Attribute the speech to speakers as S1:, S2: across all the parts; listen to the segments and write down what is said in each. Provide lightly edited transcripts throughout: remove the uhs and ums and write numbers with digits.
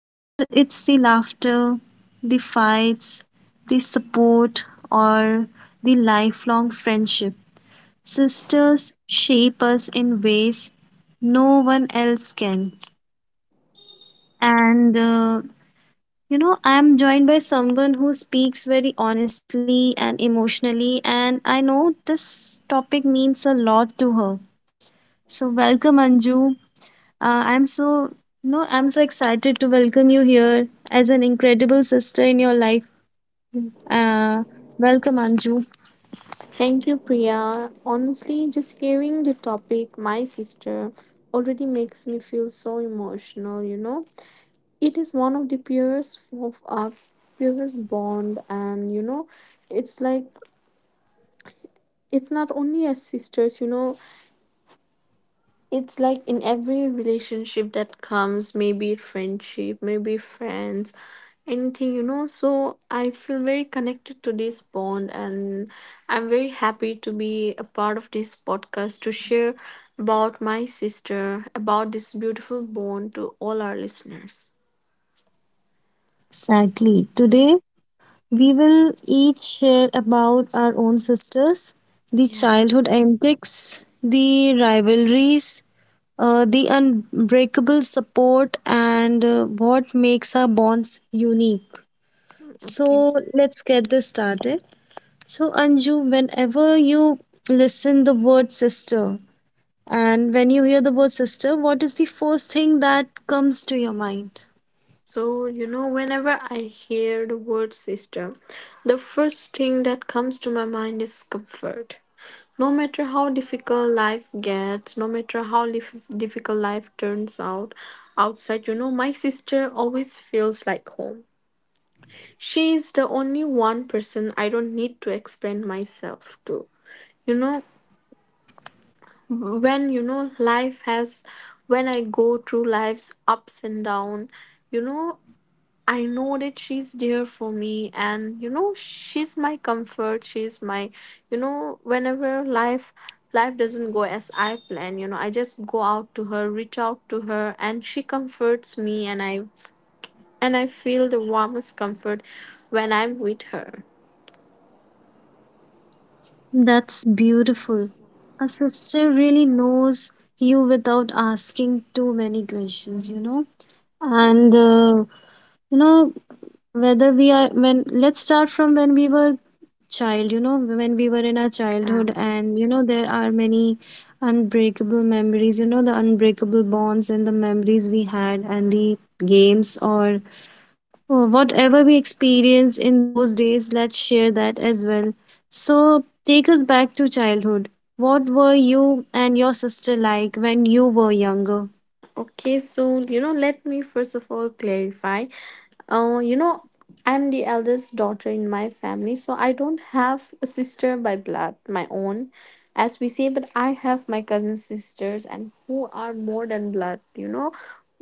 S1: Whether it's the laughter, the fights, the support, or the lifelong friendship, sisters shape us in ways no one else can. And I am joined by someone who speaks very honestly and emotionally, and I know this topic means a lot to her. So, welcome, Anju. I'm so no, I'm so excited to welcome you here as an incredible sister in your life. Uh, welcome, Anju.
S2: Thank you, Priya. Honestly, just hearing the topic, my sister, already makes me feel so emotional, you know. It is one of the purest of our purest bond and you know, it's like it's not only as sisters, you know. It's like in every relationship that comes, maybe friendship, maybe friends, anything, you know. So I feel very connected to this bond, and I'm very happy to be a part of this podcast to share about my sister, about this beautiful bond to all our listeners.
S1: Exactly. Today we will each share about our own sisters, the
S2: Yeah,
S1: childhood antics, the rivalries, the unbreakable support, and what makes our bonds unique.
S2: okay.
S1: So let's get this started. So, Anju, whenever you listen the word sister, and when you hear the word sister, what is the first thing that comes to your mind?
S2: So, you know, whenever I hear the word sister, the first thing that comes to my mind is comfort. No matter how difficult life gets, no matter how difficult life turns out outside, you know, my sister always feels like home. She is the only one person I don't need to explain myself to. You know, when you know life has, when I go through life's ups and down, you know, I know that she's there for me, and you know, she's my comfort. She's my, you know, whenever life doesn't go as I plan, you know, I just go out to her, reach out to her, and she comforts me, and I feel the warmest comfort when I'm with her.
S1: That's beautiful. A sister really knows you without asking too many questions. And you know whether we are when let's start from when we were child, when we were in our childhood,
S2: Um,
S1: and there are many unbreakable memories, the unbreakable bonds and the memories we had and the games, or oh, whatever we experienced in those days, let's share that as well. So, take us back to childhood. What were you and your sister like when you were younger?
S2: okay, so you know, let me first of all clarify. You know, I'm the eldest daughter in my family, so I don't have a sister by blood, my own, as we say, but I have my cousin sisters and who are more than blood, you know.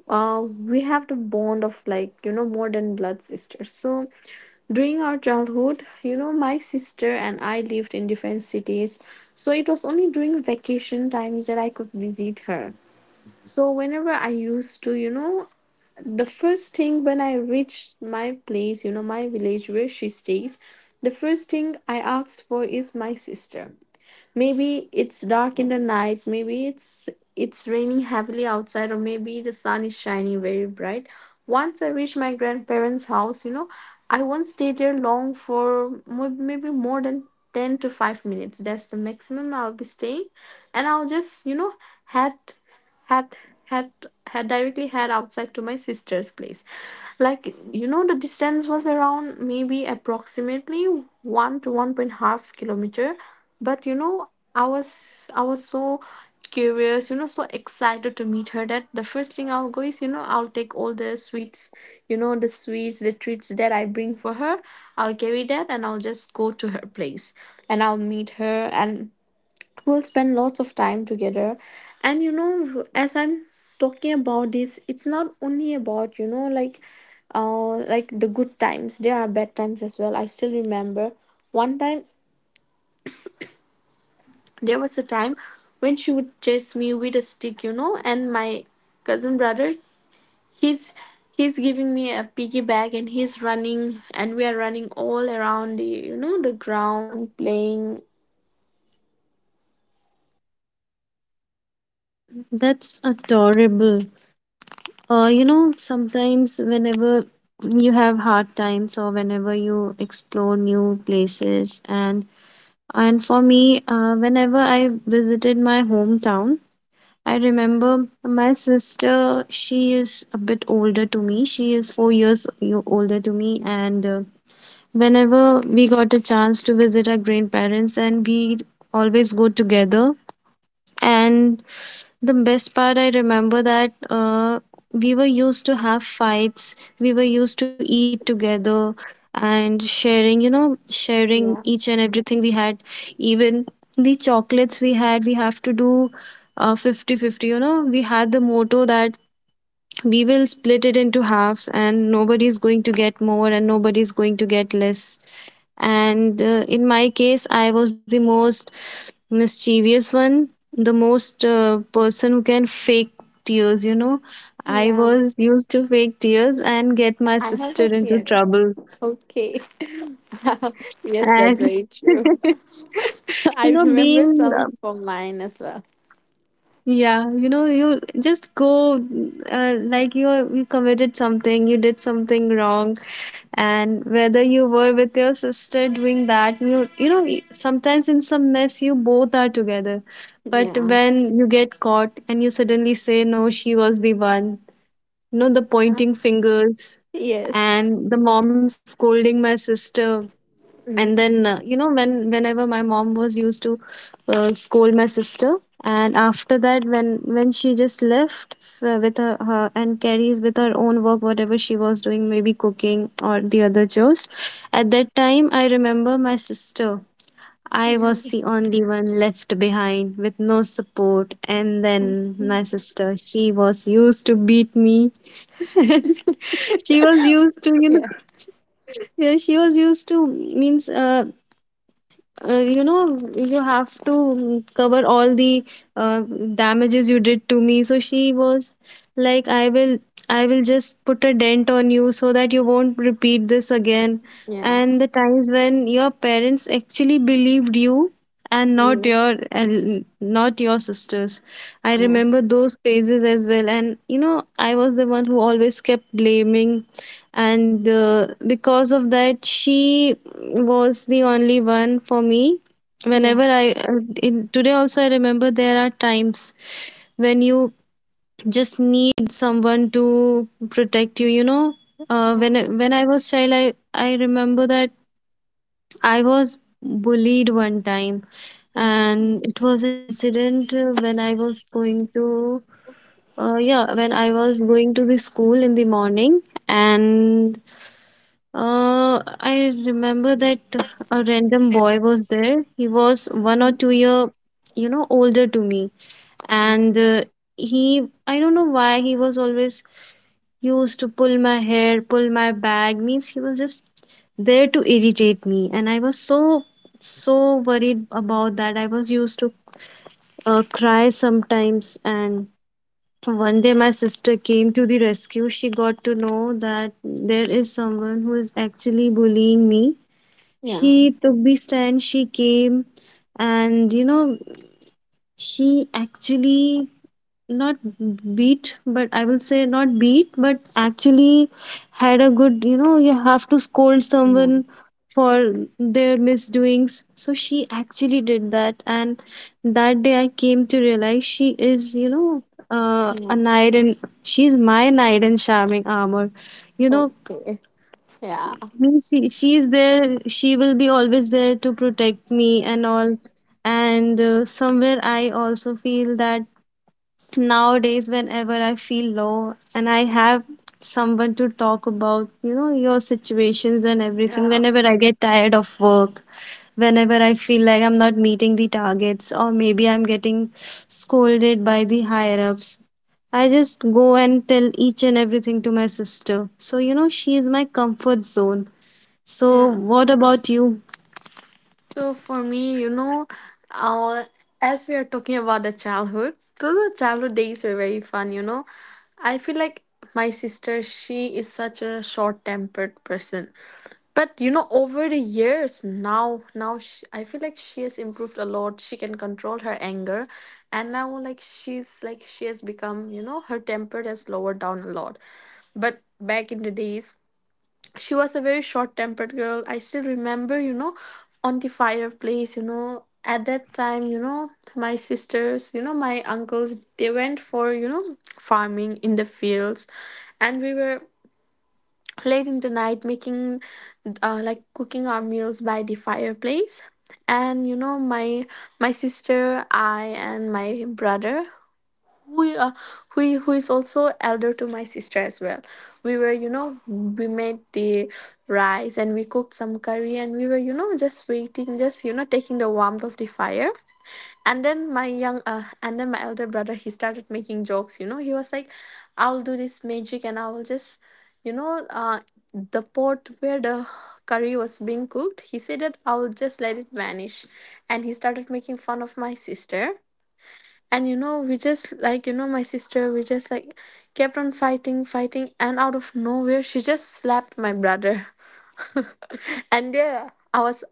S2: We have the bond of like, you know, more than blood sisters. So during our childhood, you know, my sister and I lived in different cities. So it was only during vacation times that I could visit her. So whenever I used to, you know, the first thing when I reached my place, you know, my village where she stays, the first thing I asked for is my sister. Maybe it's dark in the night, maybe it's raining heavily outside, or maybe the sun is shining very bright. Once I reach my grandparents' house, you know, I won't stay there long for maybe more than 10 to 5 minutes. That's the maximum I'll be staying. And I'll just, you know, head, head, head, head directly head outside to my sister's place, like you know the distance was around maybe approximately 1 to one point half kilometer, but you know, I was so curious, you know, so excited to meet her, that the first thing I'll go is, you know, I'll take all the sweets, you know, the sweets, the treats that I bring for her. I'll carry that and I'll just go to her place, and I'll meet her, and we'll spend lots of time together. And you know, as I'm talking about this, it's not only about, you know, like, like the good times, there are bad times as well. I still remember one time, there was a time when she would chase me with a stick, you know, and my cousin brother, he's he's giving me a piggyback and he's running and we are running all around the, you know, the ground playing.
S1: That's adorable. Sometimes whenever you have hard times or whenever you explore new places, and for me, whenever I visited my hometown, I remember my sister, she is a bit older to me. She is 4 years older to me. And whenever we got a chance to visit our grandparents, and we always go together. And the best part, I remember that, we were used to have fights, we were used to eat together, and sharing, sharing
S2: Yeah.
S1: each and everything we had, even the chocolates we had, we have to do 50 50. You know, we had the motto that we will split it into halves and nobody's going to get more and nobody's going to get less. And in my case, I was the most mischievous one, the most person who can fake tears, you know. I
S2: yeah
S1: was used to fake tears and get my
S2: I have
S1: sister
S2: those
S1: into
S2: fears.
S1: trouble.
S2: Okay. Yes, that's
S1: And
S2: very true. I remember
S1: being
S2: some from mine as well.
S1: yeah you just go, like, you committed something, you did something wrong, and whether you were with your sister doing that, you know, sometimes in some mess you both are together. But
S2: Yeah.
S1: when you get caught, and you suddenly say, no, she was the one, you know, the
S2: Yeah.
S1: pointing fingers,
S2: Yes.
S1: and the mom scolding my sister. And
S2: Mm.
S1: then, whenever my mom was used to scold my sister, and after that, when she just left with her and carries with her own work, whatever she was doing, maybe cooking or the other chores. At that time, I remember, my sister, I was
S2: Yeah.
S1: the only one left behind with no support, and then
S2: Okay.
S1: my sister, she was used to beat me. And she was used to,
S2: Yeah.
S1: yeah she was used to, means you have to, cover all the uh, damages you did to me. So she was like, I will just put a dent on you, so that you won't repeat this again.
S2: Yeah.
S1: And the times when your parents actually believed you,
S2: Yes.
S1: and not your sisters, I
S2: Yeah.
S1: remember those phases as well. And I was the one who always kept blaming. And because of that, she was the only one for me.
S2: Yeah.
S1: Whenever I, today also, I remember there are times when you just need someone to protect you.
S2: Yeah.
S1: When I was child, I remember that I was bullied one time,
S2: Okay.
S1: and it was an incident, when I was going to the school in the morning. And I remember that a random boy was there. He was one or
S2: Mm.
S1: two year, older to me, and I don't know why he was always used to pull my hair, pull my bag. Means he was just there to irritate me, and I was so worried about that. I was used to, cry sometimes, and one day, my sister came to the rescue. She got to know that there is someone who is actually bullying me.
S2: Yeah.
S1: She took the stand, she came, and she actually, not beat but I will say not beat, but actually had a good, you know, you have to scold
S2: Yeah.
S1: someone for their misdoings, so she actually did that. And that day I came to realize she is,
S2: Yeah.
S1: a knight, and she's my knight in charming armor you know
S2: Okay. Yeah.
S1: means she, she is there, she will be always there to protect me and all. And somewhere I also feel that nowadays, whenever I feel low and I have someone to talk about, your situations and everything,
S2: Yeah.
S1: whenever I get tired of work, whenever I feel like I'm not meeting the targets, or maybe I'm getting scolded by the higher ups, I just go and tell each and everything to my sister. So, she is my comfort zone. So,
S2: Yeah.
S1: what about you?
S2: So for me, you know, uh, as we are talking about the childhood, those were childhood days were very fun. You know, I feel like my sister, she is such a short-tempered person. But you know, over the years now, I feel like she has improved a lot. She can control her anger, and now like she has become, you know, her temper has lowered down a lot. But back in the days, she was a very short tempered girl. I still remember, you know, on the fireplace, you know, at that time, you know, my uncles, they went for, you know, farming in the fields, and we were late in the night making, like, cooking our meals by the fireplace. And you know, my sister, I, and my brother, who, who is also elder to my sister as well, we were, you know, we made the rice and we cooked some curry, and we were, you know, just waiting, just, you know, taking the warmth of the fire. And then my elder brother, he started making jokes, you know. He was like, I'll do this magic and I will just, you know, the pot where the curry was being cooked, he said that I'll just let it vanish. And he started making fun of my sister, and you know, we just like you know my sister we just like kept on fighting, and out of nowhere, she just slapped my brother. And yeah, I was,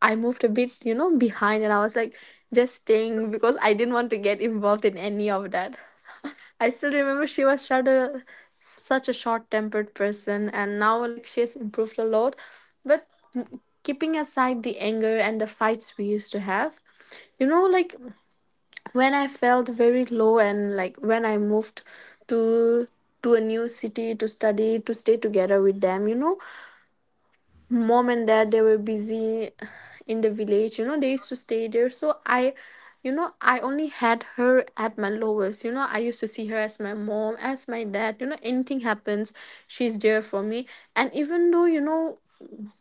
S2: I moved a bit, you know, behind, and I was like just staying because I didn't want to get involved in any of that. I still remember, she was such a such a short-tempered person, and now like she has improved a lot. But keeping aside the anger and the fights we used to have, you know, like, when I felt very low, and like when I moved to a new city to study, to stay together with them, you know, mom and dad, they were busy in the village, you know, they used to stay there. So I, you know, I only had her at my lowest. You know, I used to see her as my mom, as my dad. You know, anything happens, she's there for me. And even though, you know,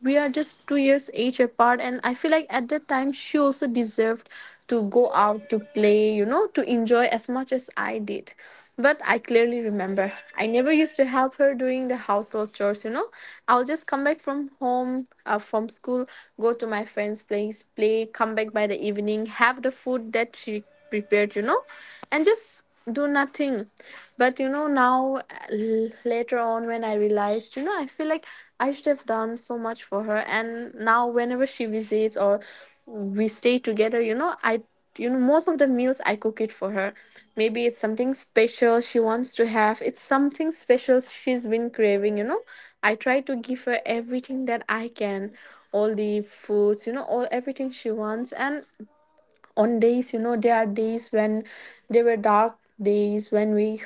S2: we are just 2 years age apart, and I feel like at that time, she also deserved to go out to play, you know, to enjoy as much as I did. But I clearly remember, I never used to help her doing the household chores, you know. I'll just come back from home, from school, go to my friend's place, play, come back by the evening, have the food that she prepared, you know, and just do nothing. But, you know, now, later on when I realized, you know, I feel like I should have done so much for her. And now whenever she visits or we stay together, you know, I you know, most of the meals I cook it for her. Maybe it's something special she wants to have, it's something special she's been craving, you know, I try to give her everything that I can, all the foods, you know, all everything she wants. And on days, you know, there are days when there were dark days when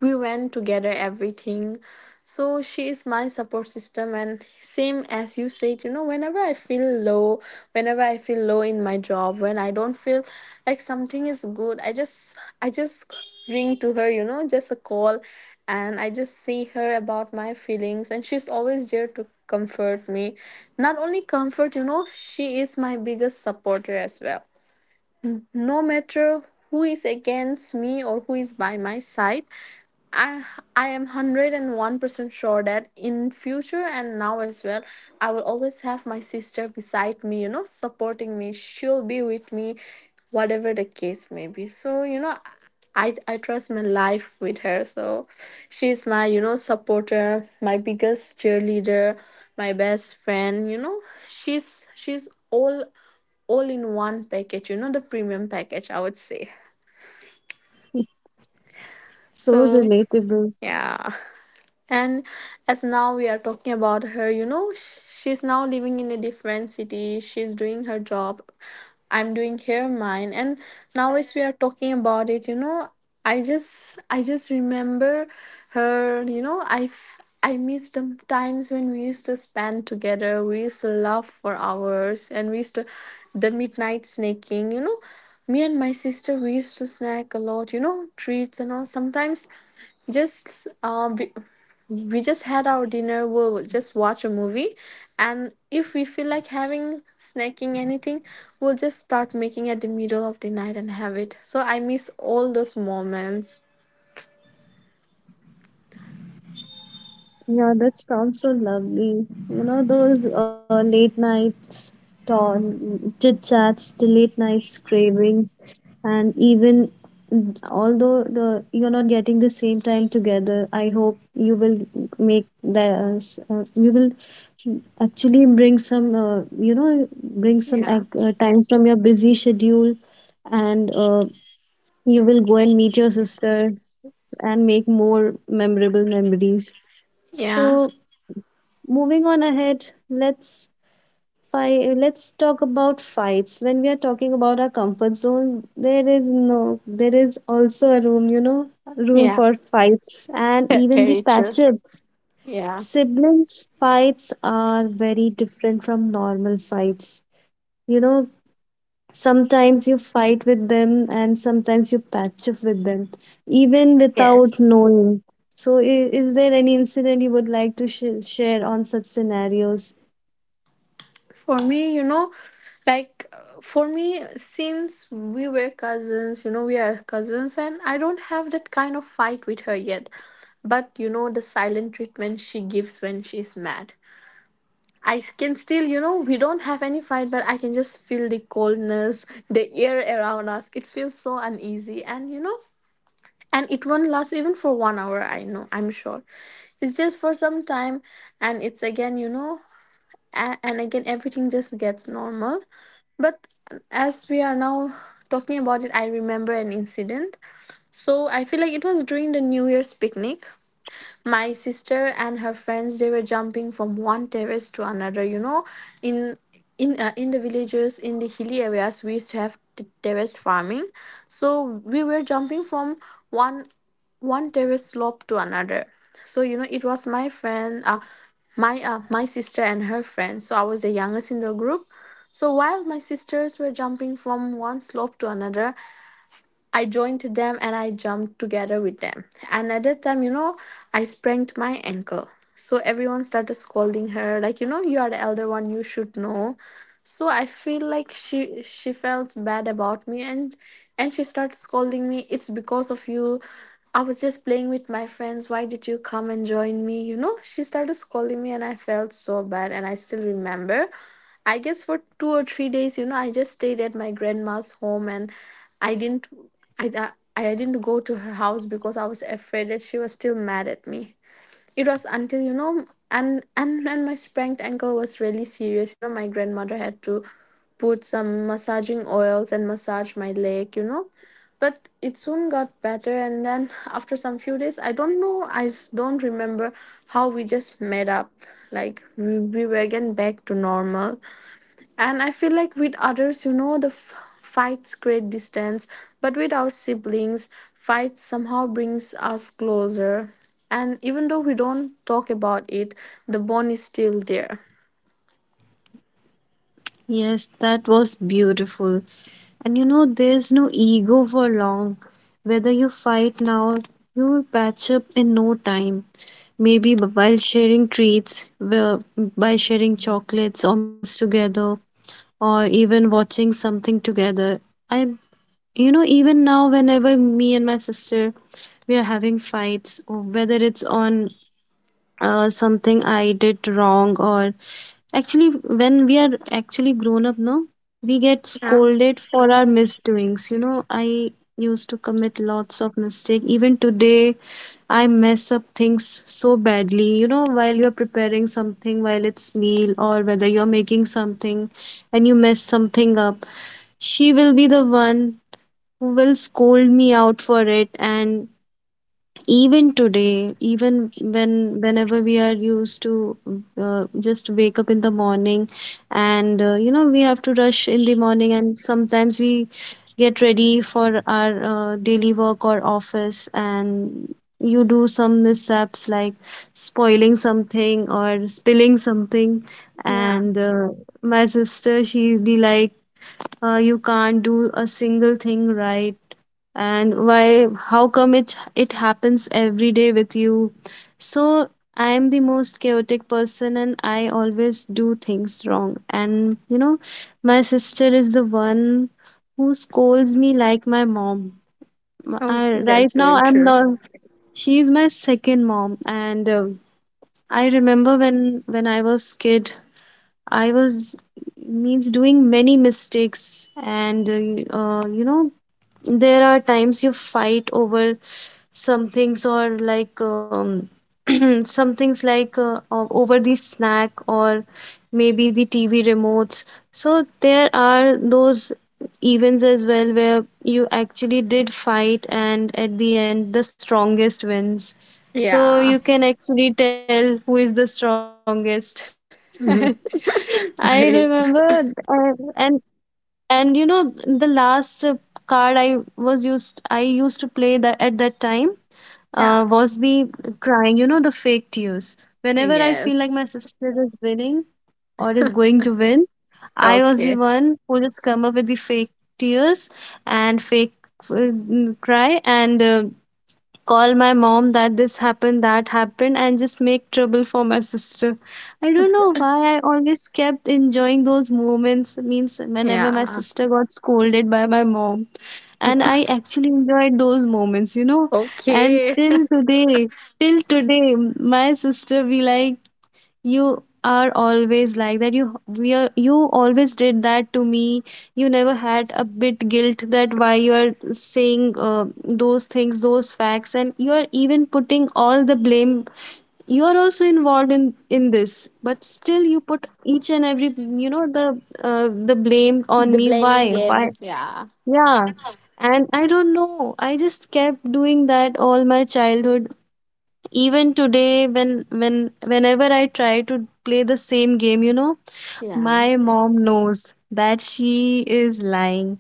S2: we went together everything. So she is my support system, and same as you said, you know, whenever I feel low, whenever I feel low in my job, when I don't feel like something is good, I just I just ring to her, you know, just a call, and I just say her about my feelings, and she's always there to comfort me. Not only comfort, you know, she is my biggest supporter as well. No matter who is against me or who is by my side, I I am 101% sure that in future and now as well, I will always have my sister beside me, you know, supporting me. She'll be with me whatever the case may be. So you know, I trust my life with her. So she's my, you know, supporter, my biggest cheerleader, my best friend, you know. She's all in one package, you know, the premium package, I would say.
S1: So
S2: So
S1: relatable.
S2: yeah, and as now we are talking about her, you know, she's now living in a different city, she's doing her job, I'm doing here mine. And now as we are talking about it, you know, I just remember her. You know, I miss the times when we used to spend together, we used to laugh for hours, and we used to the midnight snacking. Me and my sister, we used to snack a lot, treats and all. Sometimes just we just had our dinner, we'll just watch a movie. And if we feel like having snacking anything, we'll just start making at the middle of the night and have it. So I miss all those moments.
S1: Yeah, that sounds so lovely. You know, those late nights talk, chit chats, the late nights cravings, and even, although the, you're not getting the same time together, I hope you will make the you will actually bring some, bring some
S2: Yeah,
S1: time from your busy schedule, and you will go and meet your sister and make more memorable memories.
S2: yeah,
S1: So, moving on ahead, let's talk about fights. When we are talking about our comfort zone, there is no there is also a room, room
S2: yeah.
S1: for fights and
S2: Yeah,
S1: even the
S2: very true.
S1: patchups.
S2: Yeah.
S1: Siblings fights are very different from normal fights you know Sometimes you fight with them, and sometimes you patch up with them even without
S2: Yes.
S1: knowing. So, is there any incident you would like to share on such scenarios?
S2: For me you know like uh, for me since we were cousins, we are cousins, and I don't have that kind of fight with her yet. But you know the silent treatment she gives when she's mad. I can still, we don't have any fight, but I can just feel the coldness, the air around us. It feels so uneasy, and and it won't last even for one hour. I know, I'm sure. It's just for some time, and it's again, and again, everything just gets normal. But as we are now talking about it, I remember an incident. So I feel like it was during the New Year's picnic. My sister and her friends, they were jumping from one terrace to another, you know, in in the villages, in the hilly areas, we used to have terrace farming. So we were jumping from one one terrace slope to another. So, it was my sister and her friend, so I was the youngest in the group. So while my sisters were jumping from one slope to another, I joined them and I jumped together with them. And at that time, you know, I sprained my ankle. So everyone started scolding her, like, you know, you are the elder one, you should know. So I feel like she felt bad about me, and she started scolding me. It's because of you. I was just playing with my friends. Why did you come and join me? You know, she started scolding me and I felt so bad and I still remember. I guess for 2 or 3 days, you know, I just stayed at my grandma's home. And I didn't I, I didn't go to her house because I was afraid that she was still mad at me. It was until, you know, and my sprained ankle was really serious. You know, my grandmother had to put some massaging oils and massage my leg, you know. But it soon got better, and then after some few days, I don't know, don't remember how we just made up. Like, we were again back to normal. And I feel like with others, you know, the fights create distance, but with our siblings, fights somehow brings us closer. And even though we don't talk about it, the bond is still there.
S1: Yes, that was beautiful. And there's no ego for long. Whether you fight now, you will patch up in no time. Maybe, while sharing treats, by sharing chocolates or meals together, or even watching something together. I, even now, whenever me and my sister, we are having fights, or whether it's on, something I did wrong, or actually, when we are actually grown up, no, we get
S2: Yeah,
S1: scolded for our misdoings. I used to commit lots of mistake even today. I mess up things so badly, while you're preparing something, while it's meal or whether you're making something and you mess something up, she will be the one who will scold me out for it. And even today, even whenever we are used to, just wake up in the morning, and we have to rush in the morning, and sometimes we get ready for our daily work or office, and you do some mishaps like spoiling something or spilling something.
S2: yeah.
S1: And my sister, she'll be like, you can't do a single thing right, and why, how come it happens every day with you? So I am the most chaotic person, and I always do things wrong. And my sister is the one who scolds me like my mom.
S2: Oh,
S1: I, right
S2: that's
S1: now
S2: very
S1: I'm
S2: true.
S1: not she's my second mom. And I remember, when I was kid, I was, means doing many mistakes. And there are times you fight over some things, or like, some things like, over the snack, or maybe the TV remotes. So there are those events as well where you actually did fight, and at the end, the strongest wins. So you
S2: Yeah.
S1: can actually tell who is the strongest.
S2: Mhm.
S1: I remember,
S2: Very true.
S1: and the last card I used to play, that at that time, was
S2: Yeah.
S1: the crying, you know, the fake tears. Whenever I feel like my
S2: Yes.
S1: sister is winning or is going to win, I was the
S2: Okay.
S1: one who just come up with the fake tears, and fake, uh, cry, and call my mom that this happened, that happened, and just make trouble for my sister. I don't know why I always kept enjoying those moments. Means whenever my
S2: Yeah.
S1: sister got scolded by my mom, and I actually enjoyed those moments, you know. And
S2: Okay.
S1: till today, my sister be like, you are always like that, you always did that to me. You never had a bit guilt, that why you are saying those things, those facts, and you are even putting all the blame. You are also involved in this, but still you put each and every, you know the the blame on
S2: The
S1: me.
S2: blaming
S1: Why?
S2: game. Yeah.
S1: Yeah. And I don't know, I just kept doing that all my childhood. Even today, whenever I try to play the same game, you know,
S2: Yeah.
S1: my mom knows that she is lying.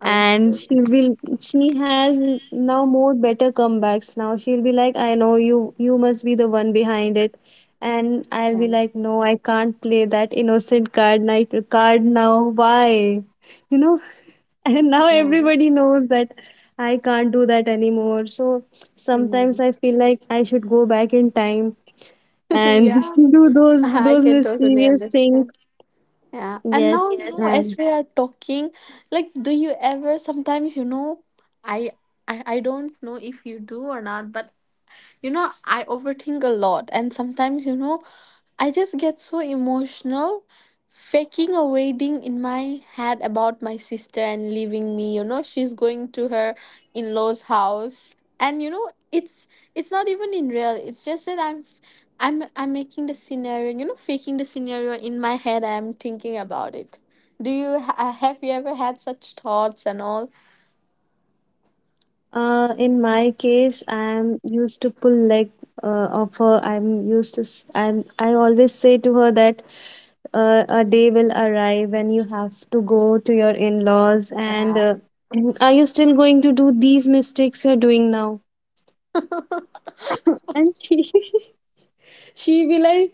S2: Okay.
S1: And she will she has now more better comebacks. Now she'll be like, I know you must be the one behind it. And I'll
S2: Yeah.
S1: be like, no, I can't play that innocent card, night card now. Why, you know? And now
S2: Yeah.
S1: everybody knows that I can't do that anymore. So sometimes
S2: Mm.
S1: I feel like I should go back in time and
S2: Yeah.
S1: do those
S2: I
S1: those
S2: can totally
S1: mysterious things.
S2: understand. Yeah. And now,
S1: Yes.
S2: you know, yes, as
S1: And
S2: we are talking, like, do you ever sometimes, you know, I, I don't know if you do or not, but you know, I overthink a lot, and sometimes, you know, I just get so emotional faking a wedding in my head about my sister and leaving me, you know, she's going to her in-laws house. And you know, it's not even in real. It's just that I'm making the scenario, you know, faking the scenario in my head, I'm thinking about it. Do you have you ever had such thoughts and all?
S1: in my case, I am used to pull leg of her. I'm used to s- and I always say to her that a day will arrive when you have to go to your in-laws, and
S2: Yeah.
S1: are you still going to do these mistakes you're doing now? And she she be like,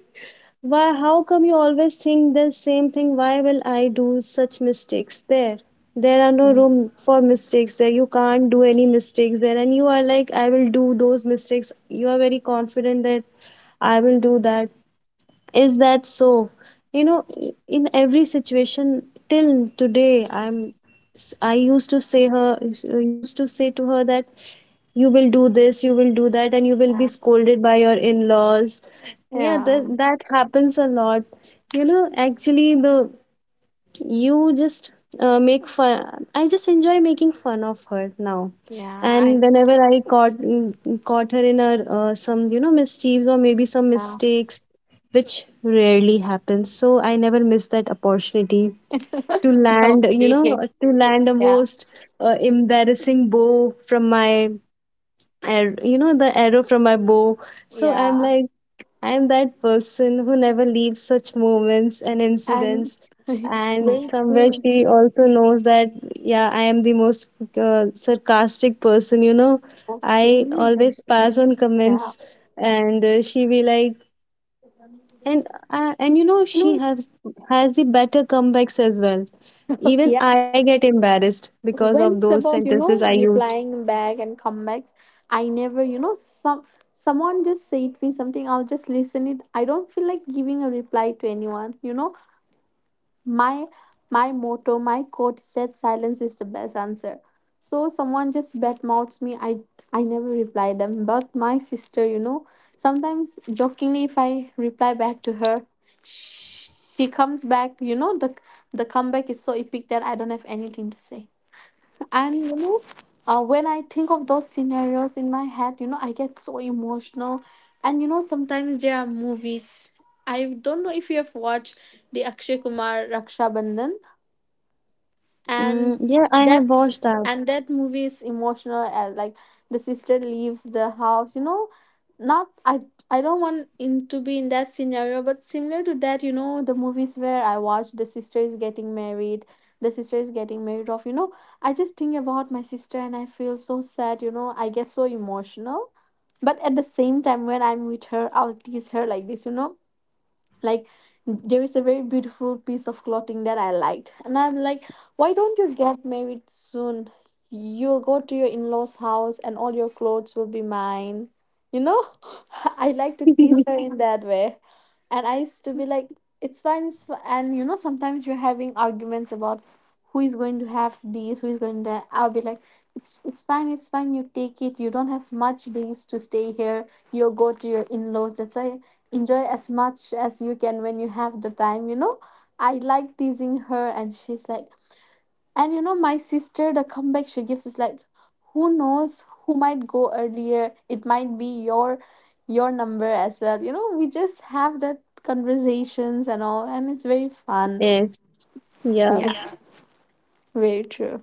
S1: why, how come you always think the same thing? Why will I do such mistakes there? There are no
S2: Mm,
S1: room for mistakes there. You can't do any mistakes there. And you are like, I will do those mistakes. You are very confident that I will do that. Is that so? You know, in every situation till today, I used to say her, used to say to her that you will do this, you will do that, and you will be
S2: yeah,
S1: scolded by your in-laws. Yeah,
S2: yeah,
S1: that happens a lot. You know, actually, the you just make fun. I just enjoy making fun of her now.
S2: yeah, I
S1: And whenever I caught, caught her in her, some, you know, mischiefs, or maybe some
S2: yeah.
S1: mistakes, which rarely happens. So I never miss that opportunity to land, you
S2: Okay.
S1: know, to land a
S2: Yeah.
S1: most embarrassing bow from my you know, the arrow from my bow. So I'm
S2: Yeah.
S1: like, I'm that person who never leaves such moments and
S2: And
S1: incidents. And
S2: very
S1: somewhere
S2: true.
S1: she also knows that, yeah, I am the most sarcastic person, you know.
S2: Okay.
S1: I always pass on
S2: Yeah.
S1: comments, and she be like, and you know,
S2: You
S1: she
S2: know,
S1: has has the better comebacks as well. Even
S2: yeah.
S1: I get embarrassed because of
S2: When it's
S1: those
S2: about, you
S1: sentences I
S2: know,
S1: used.
S2: replying back and comebacks, I never, you know, someone just said me something, I'll just listen it. I don't feel like giving a reply to anyone, you know. my my motto, my quote said silence is the best answer. So someone just bad mouths me, I never reply them. But my sister, you know, sometimes jokingly if I reply back to her, sh- she comes back, you know, the comeback is so epic that I don't have anything to say. And you know, when I think of those scenarios in my head, you know, I get so emotional. And you know, sometimes there are movies. I don't know if you have watched the Akshay Kumar Raksha Bandhan, and
S1: Mm, yeah, I have
S2: that
S1: watched that.
S2: that movie is emotional. As like, the sister leaves the house, you know, not, I don't want in to be in that scenario, but similar to that, you know, the movies where I watch, the sister is getting married, the sister is getting married off, you know. I just think about my sister and I feel so sad, you know, I get so emotional. But at the same time, when I'm with her, I'll tease her like this, you know, like, there is a very beautiful piece of clothing that I liked. And I'm like, why don't you get married soon? You'll go to your in laws' house and all your clothes will be mine. You know, I like to tease her in that way. And I used to be like, it's fine. It's fine. And you know, sometimes you're having arguments about who is going to have these, who is going to. I'll be like, it's fine, it's fine. You take it. You don't have much days to stay here. You'll go to your in laws. That's why enjoy as much as you can when you have the time, you know. I like teasing her and she's like, and you know, my sister, the comeback she gives is like, who knows who might go earlier, it might be your number as well, you know. We just have that conversations and all, and it's very fun.
S1: Yes. Yeah.
S2: Yeah, yeah. Very true.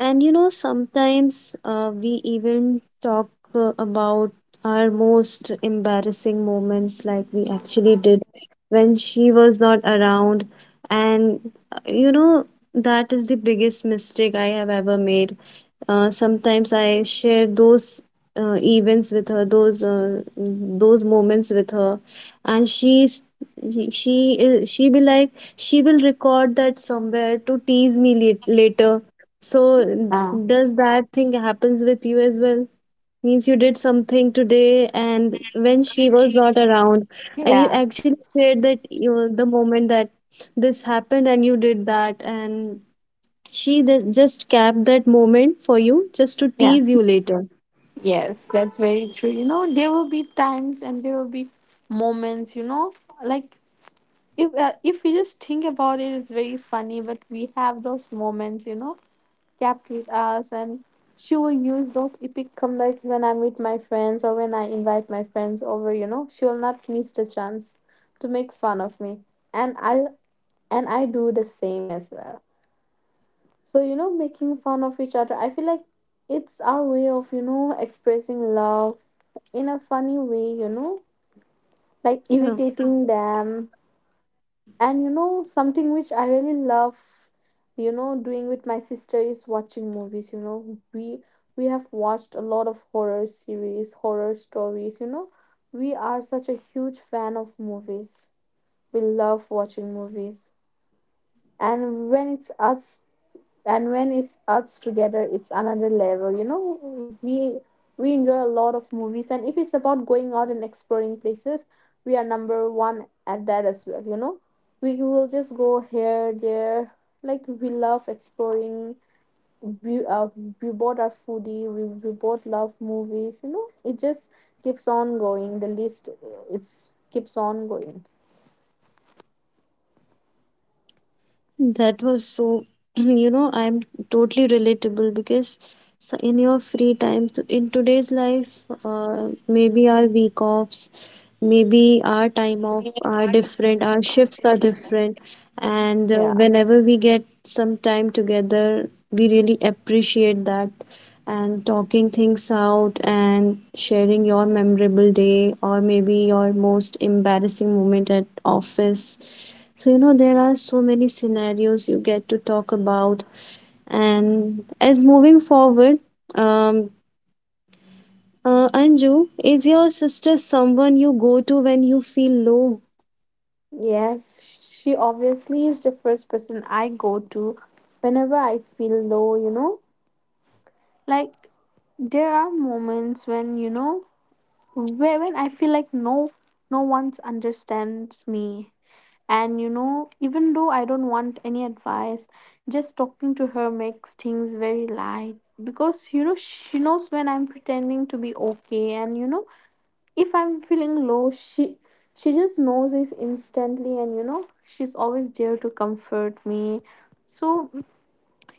S1: And you know, sometimes we even talk about our most embarrassing moments, like we actually did when she was not around. And you know, that is the biggest mistake I have ever made. Sometimes I share those events with her, those moments with her, and she's she is she be like, she will record that somewhere to tease me later. So
S2: Oh,
S1: does that thing happens with you as well? Means you did something today and when she was not around, and you
S2: yeah,
S1: actually shared that, you know, the moment that this happened and you did that, and she just kept that moment for you just to
S2: yeah.
S1: tease you later.
S2: Yes, that's very true, you know. There will be times and there will be moments, you know, like, if we just think about it, it's very funny. But we have those moments, you know, kept with us. And she will use those epic comebacks when I meet my friends or when I invite my friends over, you know, she will not miss the chance to make fun of me. And i and I do the same as well. So, you know, making fun of each other, I feel like it's our way of, you know, expressing love in a funny way, you know, like
S1: Yeah.
S2: irritating them. And you know, something which I really love, you know, doing with my sister is watching movies, you know. We have watched a lot of horror series, horror stories, you know. We are such a huge fan of movies. We love watching movies. And when it's us and when it's us together, it's another level, you know, we enjoy a lot of movies. And if it's about going out and exploring places, we are number one at that as well, you know. We will just go here there, like we love exploring. We, uh, we both are foodie, we both love movies, you know. It just keeps on going, the list is keeps on going.
S1: That was so, you know, I'm totally relatable because, so in your free time, in today's life, maybe our week offs, maybe our time off are different, our shifts are different,
S2: Yeah.
S1: and whenever we get some time together, we really appreciate that. And talking things out and sharing your memorable day or maybe your most embarrassing moment at office, so, you know, there are so many scenarios you get to talk about. And as moving forward, um, Anju, is your sister someone you go to when you feel low?
S2: Yes, she obviously is the first person I go to whenever I feel low, you know. Like there are moments when, you know, where when I feel like no, no one understands me. And you know, even though I don't want any advice, just talking to her makes things very light, because you know she knows when I'm pretending to be okay. And you know, if I'm feeling low, she just knows this instantly, and you know, she's always there to comfort me. So,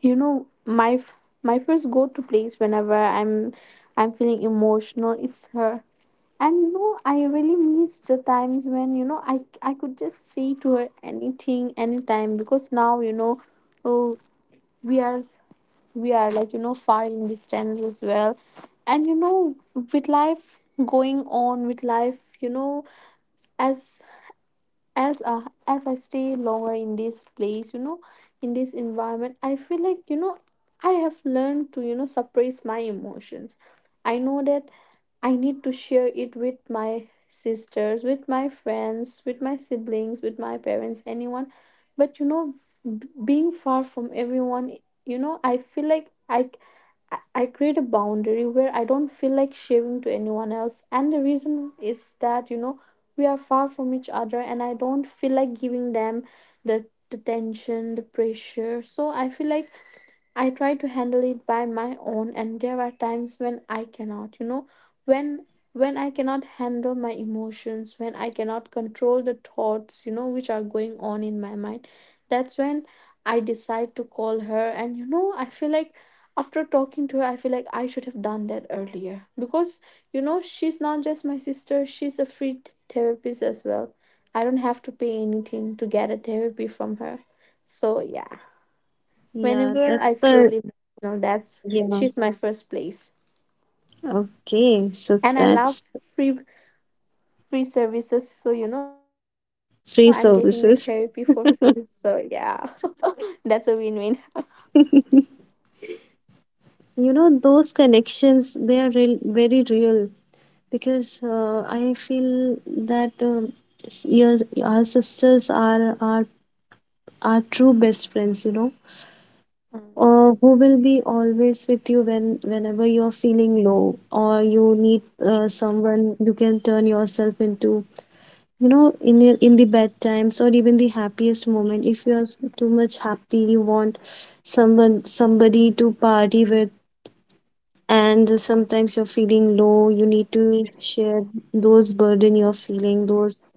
S2: you know, my first go to place whenever I'm feeling emotional, it's her. And you know, I really miss the times when, you know, I could just say to her anything anytime, because now, you know, oh, we are we are like, you know, far in distance as well. And you know, with life going on with life, you know, as as I stay longer in this place, you know, in this environment, I feel like, you know, I have learned to, you know, suppress my emotions. I know that I need to share it with my sisters, with my friends, with my siblings, with my parents, anyone. But you know, being far from everyone, you know, I feel like I create a boundary where I don't feel like sharing to anyone else. And the reason is that, you know, we are far from each other, and I don't feel like giving them the tension, the pressure. So I feel like I try to handle it by my own, and there are times when I cannot, you know, when when I cannot handle my emotions, when I cannot control the thoughts, you know, which are going on in my mind. That's when I decide to call her, and you know, I feel like after talking to her, I feel like I should have done that earlier, because you know, she's not just my sister, she's a free therapist as well. I don't have to pay anything to get a therapy from her. So, yeah.
S1: Yeah,
S2: Whenever I
S1: that's
S2: feel
S1: the,
S2: emotional, that's
S1: yeah.
S2: she's my first place.
S1: Okay, so
S2: And I love
S1: that's
S2: free free services, so you know I'm getting the therapy
S1: free
S2: for free.
S1: services.
S2: So yeah, that's a win-win.
S1: You know, those connections, they are real, very real, because I feel that, s- your, our sisters are true best friends, you know.
S2: Mm.
S1: Or who will be always with you whenever you're feeling low, or you need someone you can turn yourself into, you know, in the bad times, or even the happiest moment. If you're too much happy, you want someone, somebody to party with. And sometimes you're feeling low, you need to share those burden, you're feeling those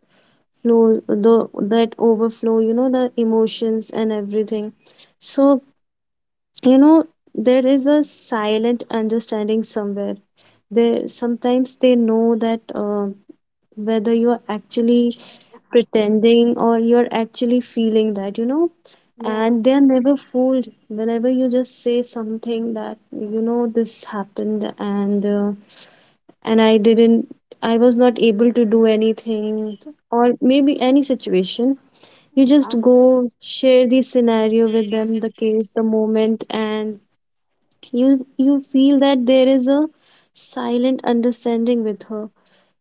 S1: flow, the that overflow, you know, the emotions and everything. So you know, there is a silent understanding somewhere. They sometimes they know that, whether you're actually pretending or you're actually feeling that, you know.
S2: Yeah,
S1: And they're never fooled whenever you just say something, that, you know, this happened, and I didn't, I was not able to do anything, or maybe any situation, you just
S2: yeah,
S1: go share the scenario with them, the case, the moment, and you feel that there is a silent understanding with her.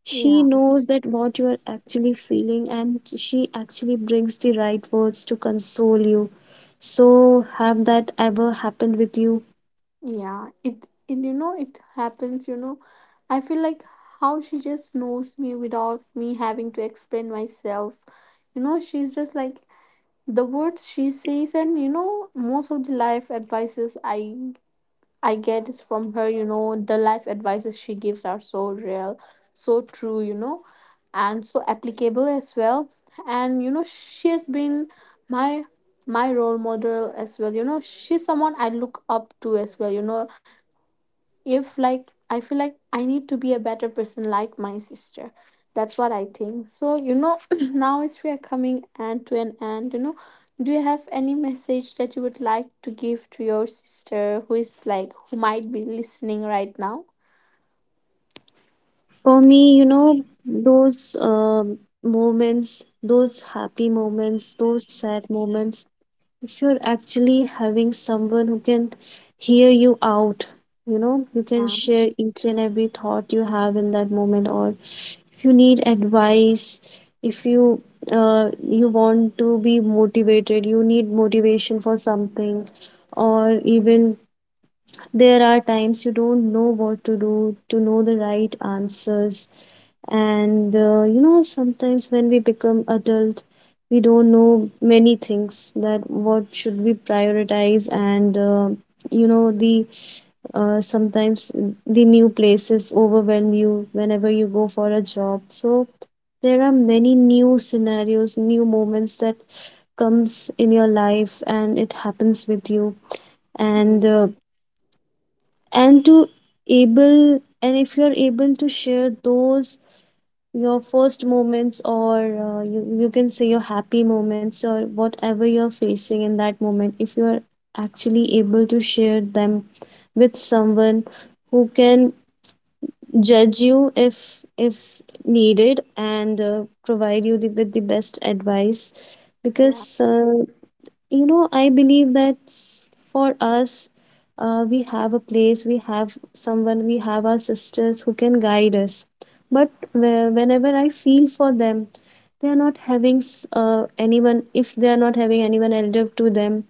S1: She
S2: yeah,
S1: knows that what you are actually feeling, and she actually brings the right words to console you. So have that ever happened with you?
S2: yeah. It and you know it happens. You know, I feel like how she just knows me without me having to explain myself. You know, she's just like, the words she says, and you know, most of the life advices I get is from her, you know, the life advices she gives are so real, so true, you know, and so applicable as well. And you know, she has been my my role model as well. You know, she's someone I look up to as well. You know, if, like, I feel like I need to be a better person like my sister, that's what I think. So, you know, now as we are coming end to an end, you know, do you have any message that you would like to give to your sister who is like, who might be listening right now?
S1: For me, you know, those moments, those happy moments, those sad moments, if you're actually having someone who can hear you out, you know, you can
S2: Yeah.
S1: share each and every thought you have in that moment, or if you need advice, if you you want to be motivated, you need motivation for something, or even, there are times you don't know what to do, to know the right answers. And you know, sometimes when we become adult, we don't know many things, that what should we prioritize. And you know the sometimes the new places overwhelm you whenever you go for a job. So there are many new scenarios, new moments that comes in your life, and it happens with you.
S2: Mm.
S1: And uh, and to able and if you're able to share those, your first moments, or you, you can say your happy moments, or whatever you're facing in that moment, if you're actually able to share them with someone who can judge you if needed, and provide you with the best advice.
S2: Yeah,
S1: Because you know, I believe that, for us, we have a place, we have someone, we have our sisters who can guide us. But whenever I feel for them, they are not having anyone. If they are not having anyone elder to them,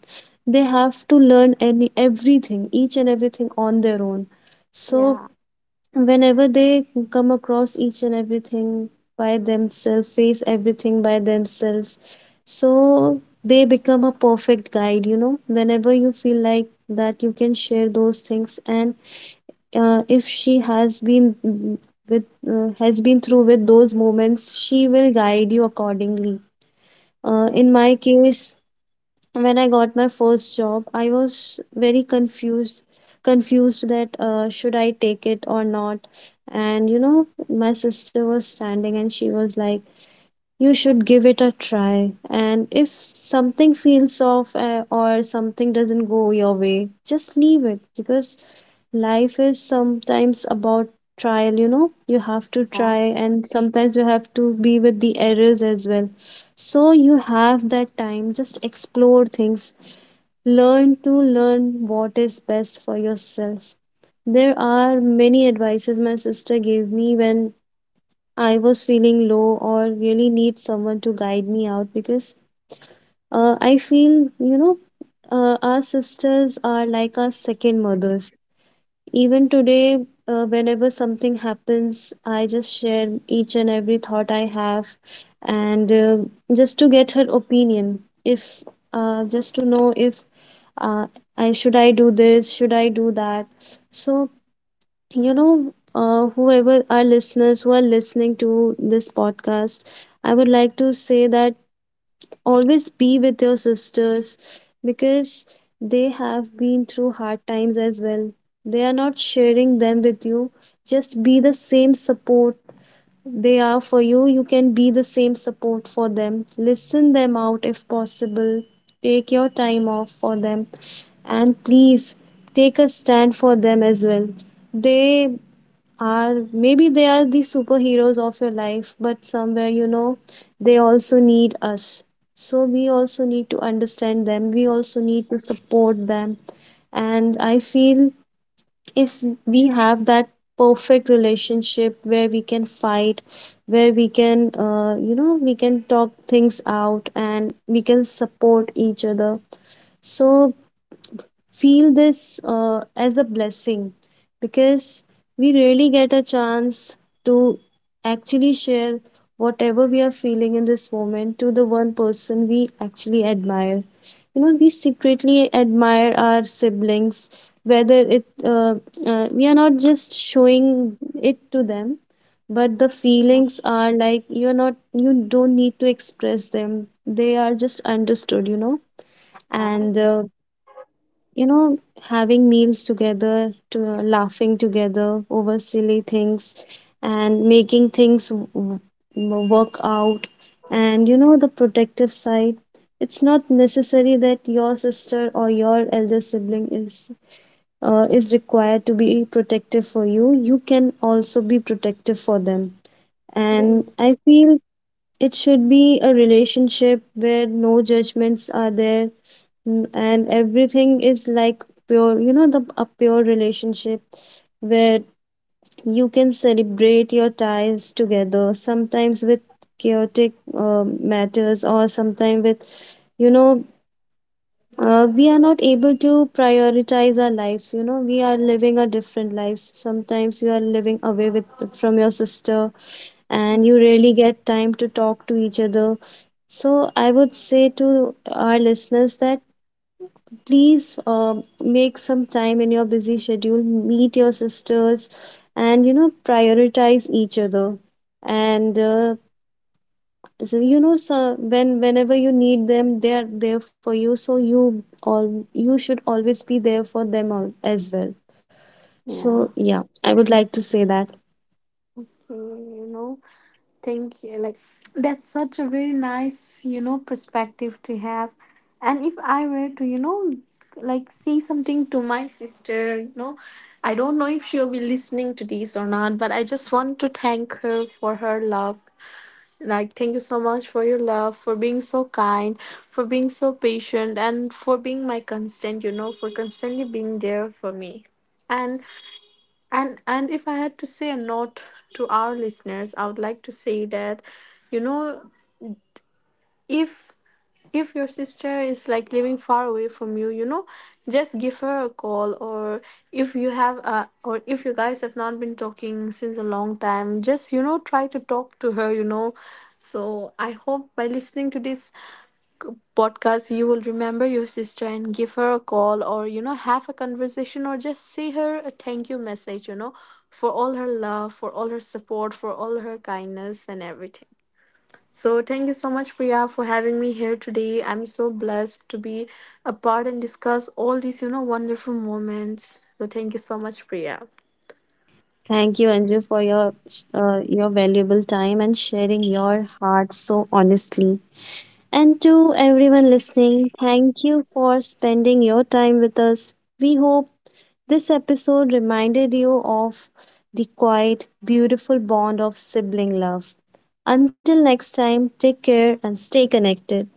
S1: they have to learn any everything, each and everything on their own. So
S2: yeah,
S1: whenever they come across each and everything by themselves, face everything by themselves, so they become a perfect guide. You know, whenever you feel like that, you can share those things. And if she has been with, has been through with those moments, she will guide you accordingly.
S2: yeah,
S1: In my case, when I got my first job, I was very confused, confused that should I take it or not. And you know, my sister was standing and she was like, "You should give it a try. And if something feels off or something doesn't go your way, just leave it, because life is sometimes about trial. You know, you have to
S2: yeah,
S1: try, and sometimes you have to be with the errors as well." So you have that time, just explore things, learn to learn what is best for yourself. There are many advices my sister gave me when I was feeling low or really need someone to guide me out. Because I feel, you know, our sisters are like our second mothers. Even today, whenever something happens, I just share each and every thought I have, and just to get her opinion. If Just to know if, uh, I should, I do this, should I do that. So you know, whoever our listeners who are listening to this podcast, I would like to say that always be with your sisters, because they have been through hard times as well. They are not sharing them with you. Just be the same support they are for you. You can be the same support for them. Listen them out if possible. Take your time off for them, and please take a stand for them as well. They are, maybe they are the superheroes of your life, but somewhere, you know, they also need us. So we also need to understand them, we also need to support them. And I feel, if we have that perfect relationship where we can fight, where we can, you know, we can talk things out and we can support each other. So feel this as a blessing, because we really get a chance to actually share whatever we are feeling in this moment to the one person we actually admire. You know, we secretly admire our siblings, whether it we are not just showing it to them, but the
S2: yeah,
S1: feelings are like, you're not, you don't need to express them, they are just understood, you know.
S2: yeah.
S1: And you know, having meals together, to laughing together over silly things, and making things work out. And you know, the protective side, it's not necessary that your sister or your elder sibling is, is required to be protective for you. You can also be protective for them. And
S2: Very-
S1: I feel it should be a relationship where no judgments are there, and everything is like pure, you know, the a pure relationship where you can celebrate your ties together, sometimes with chaotic matters, or sometimes with, you know, we are not able to prioritize our lives. You know, we are living our different lives, sometimes you are living away with from your sister, and you really get time to talk to each other. So I would say to our listeners that, please make some time in your busy schedule, meet your sisters, and you know, prioritize each other. And so you know, so whenever you need them, they are there for you, so you all, you should always be there for them as well. So
S2: yeah.
S1: yeah, I would like to say that,
S2: Mm, you know, thank you. Like, that's such a very nice, you know, perspective to have. And if I were to, you know, like say something to my sister, you know, I don't know if she'll be listening to this or not, but I just want to thank her for her love. Like, thank you so much for your love, for being so kind, for being so patient, and for being my constant, you know, for constantly being there for me. And and if I had to say a note to our listeners, I would like to say that, you know, if if your sister is like living far away from you, you know, just give her a call, or if you guys have not been talking since a long time, just, you know, try to talk to her, you know. So I hope by listening to this podcast you will remember your sister and give her a call, or you know, have a conversation, or just say her a thank you message, you know, for all her love, for all her support, for all her kindness and everything. So thank you so much, Priya, for having me here today. I'm so blessed to be a part and discuss all these, you know, wonderful moments. So thank you so much, Priya.
S1: thank you Anju for your valuable time and sharing your heart so honestly. And to everyone listening, thank you for spending your time with us. We hope this episode reminded you of the quiet, beautiful bond of sibling love. Until next time, take care and stay connected.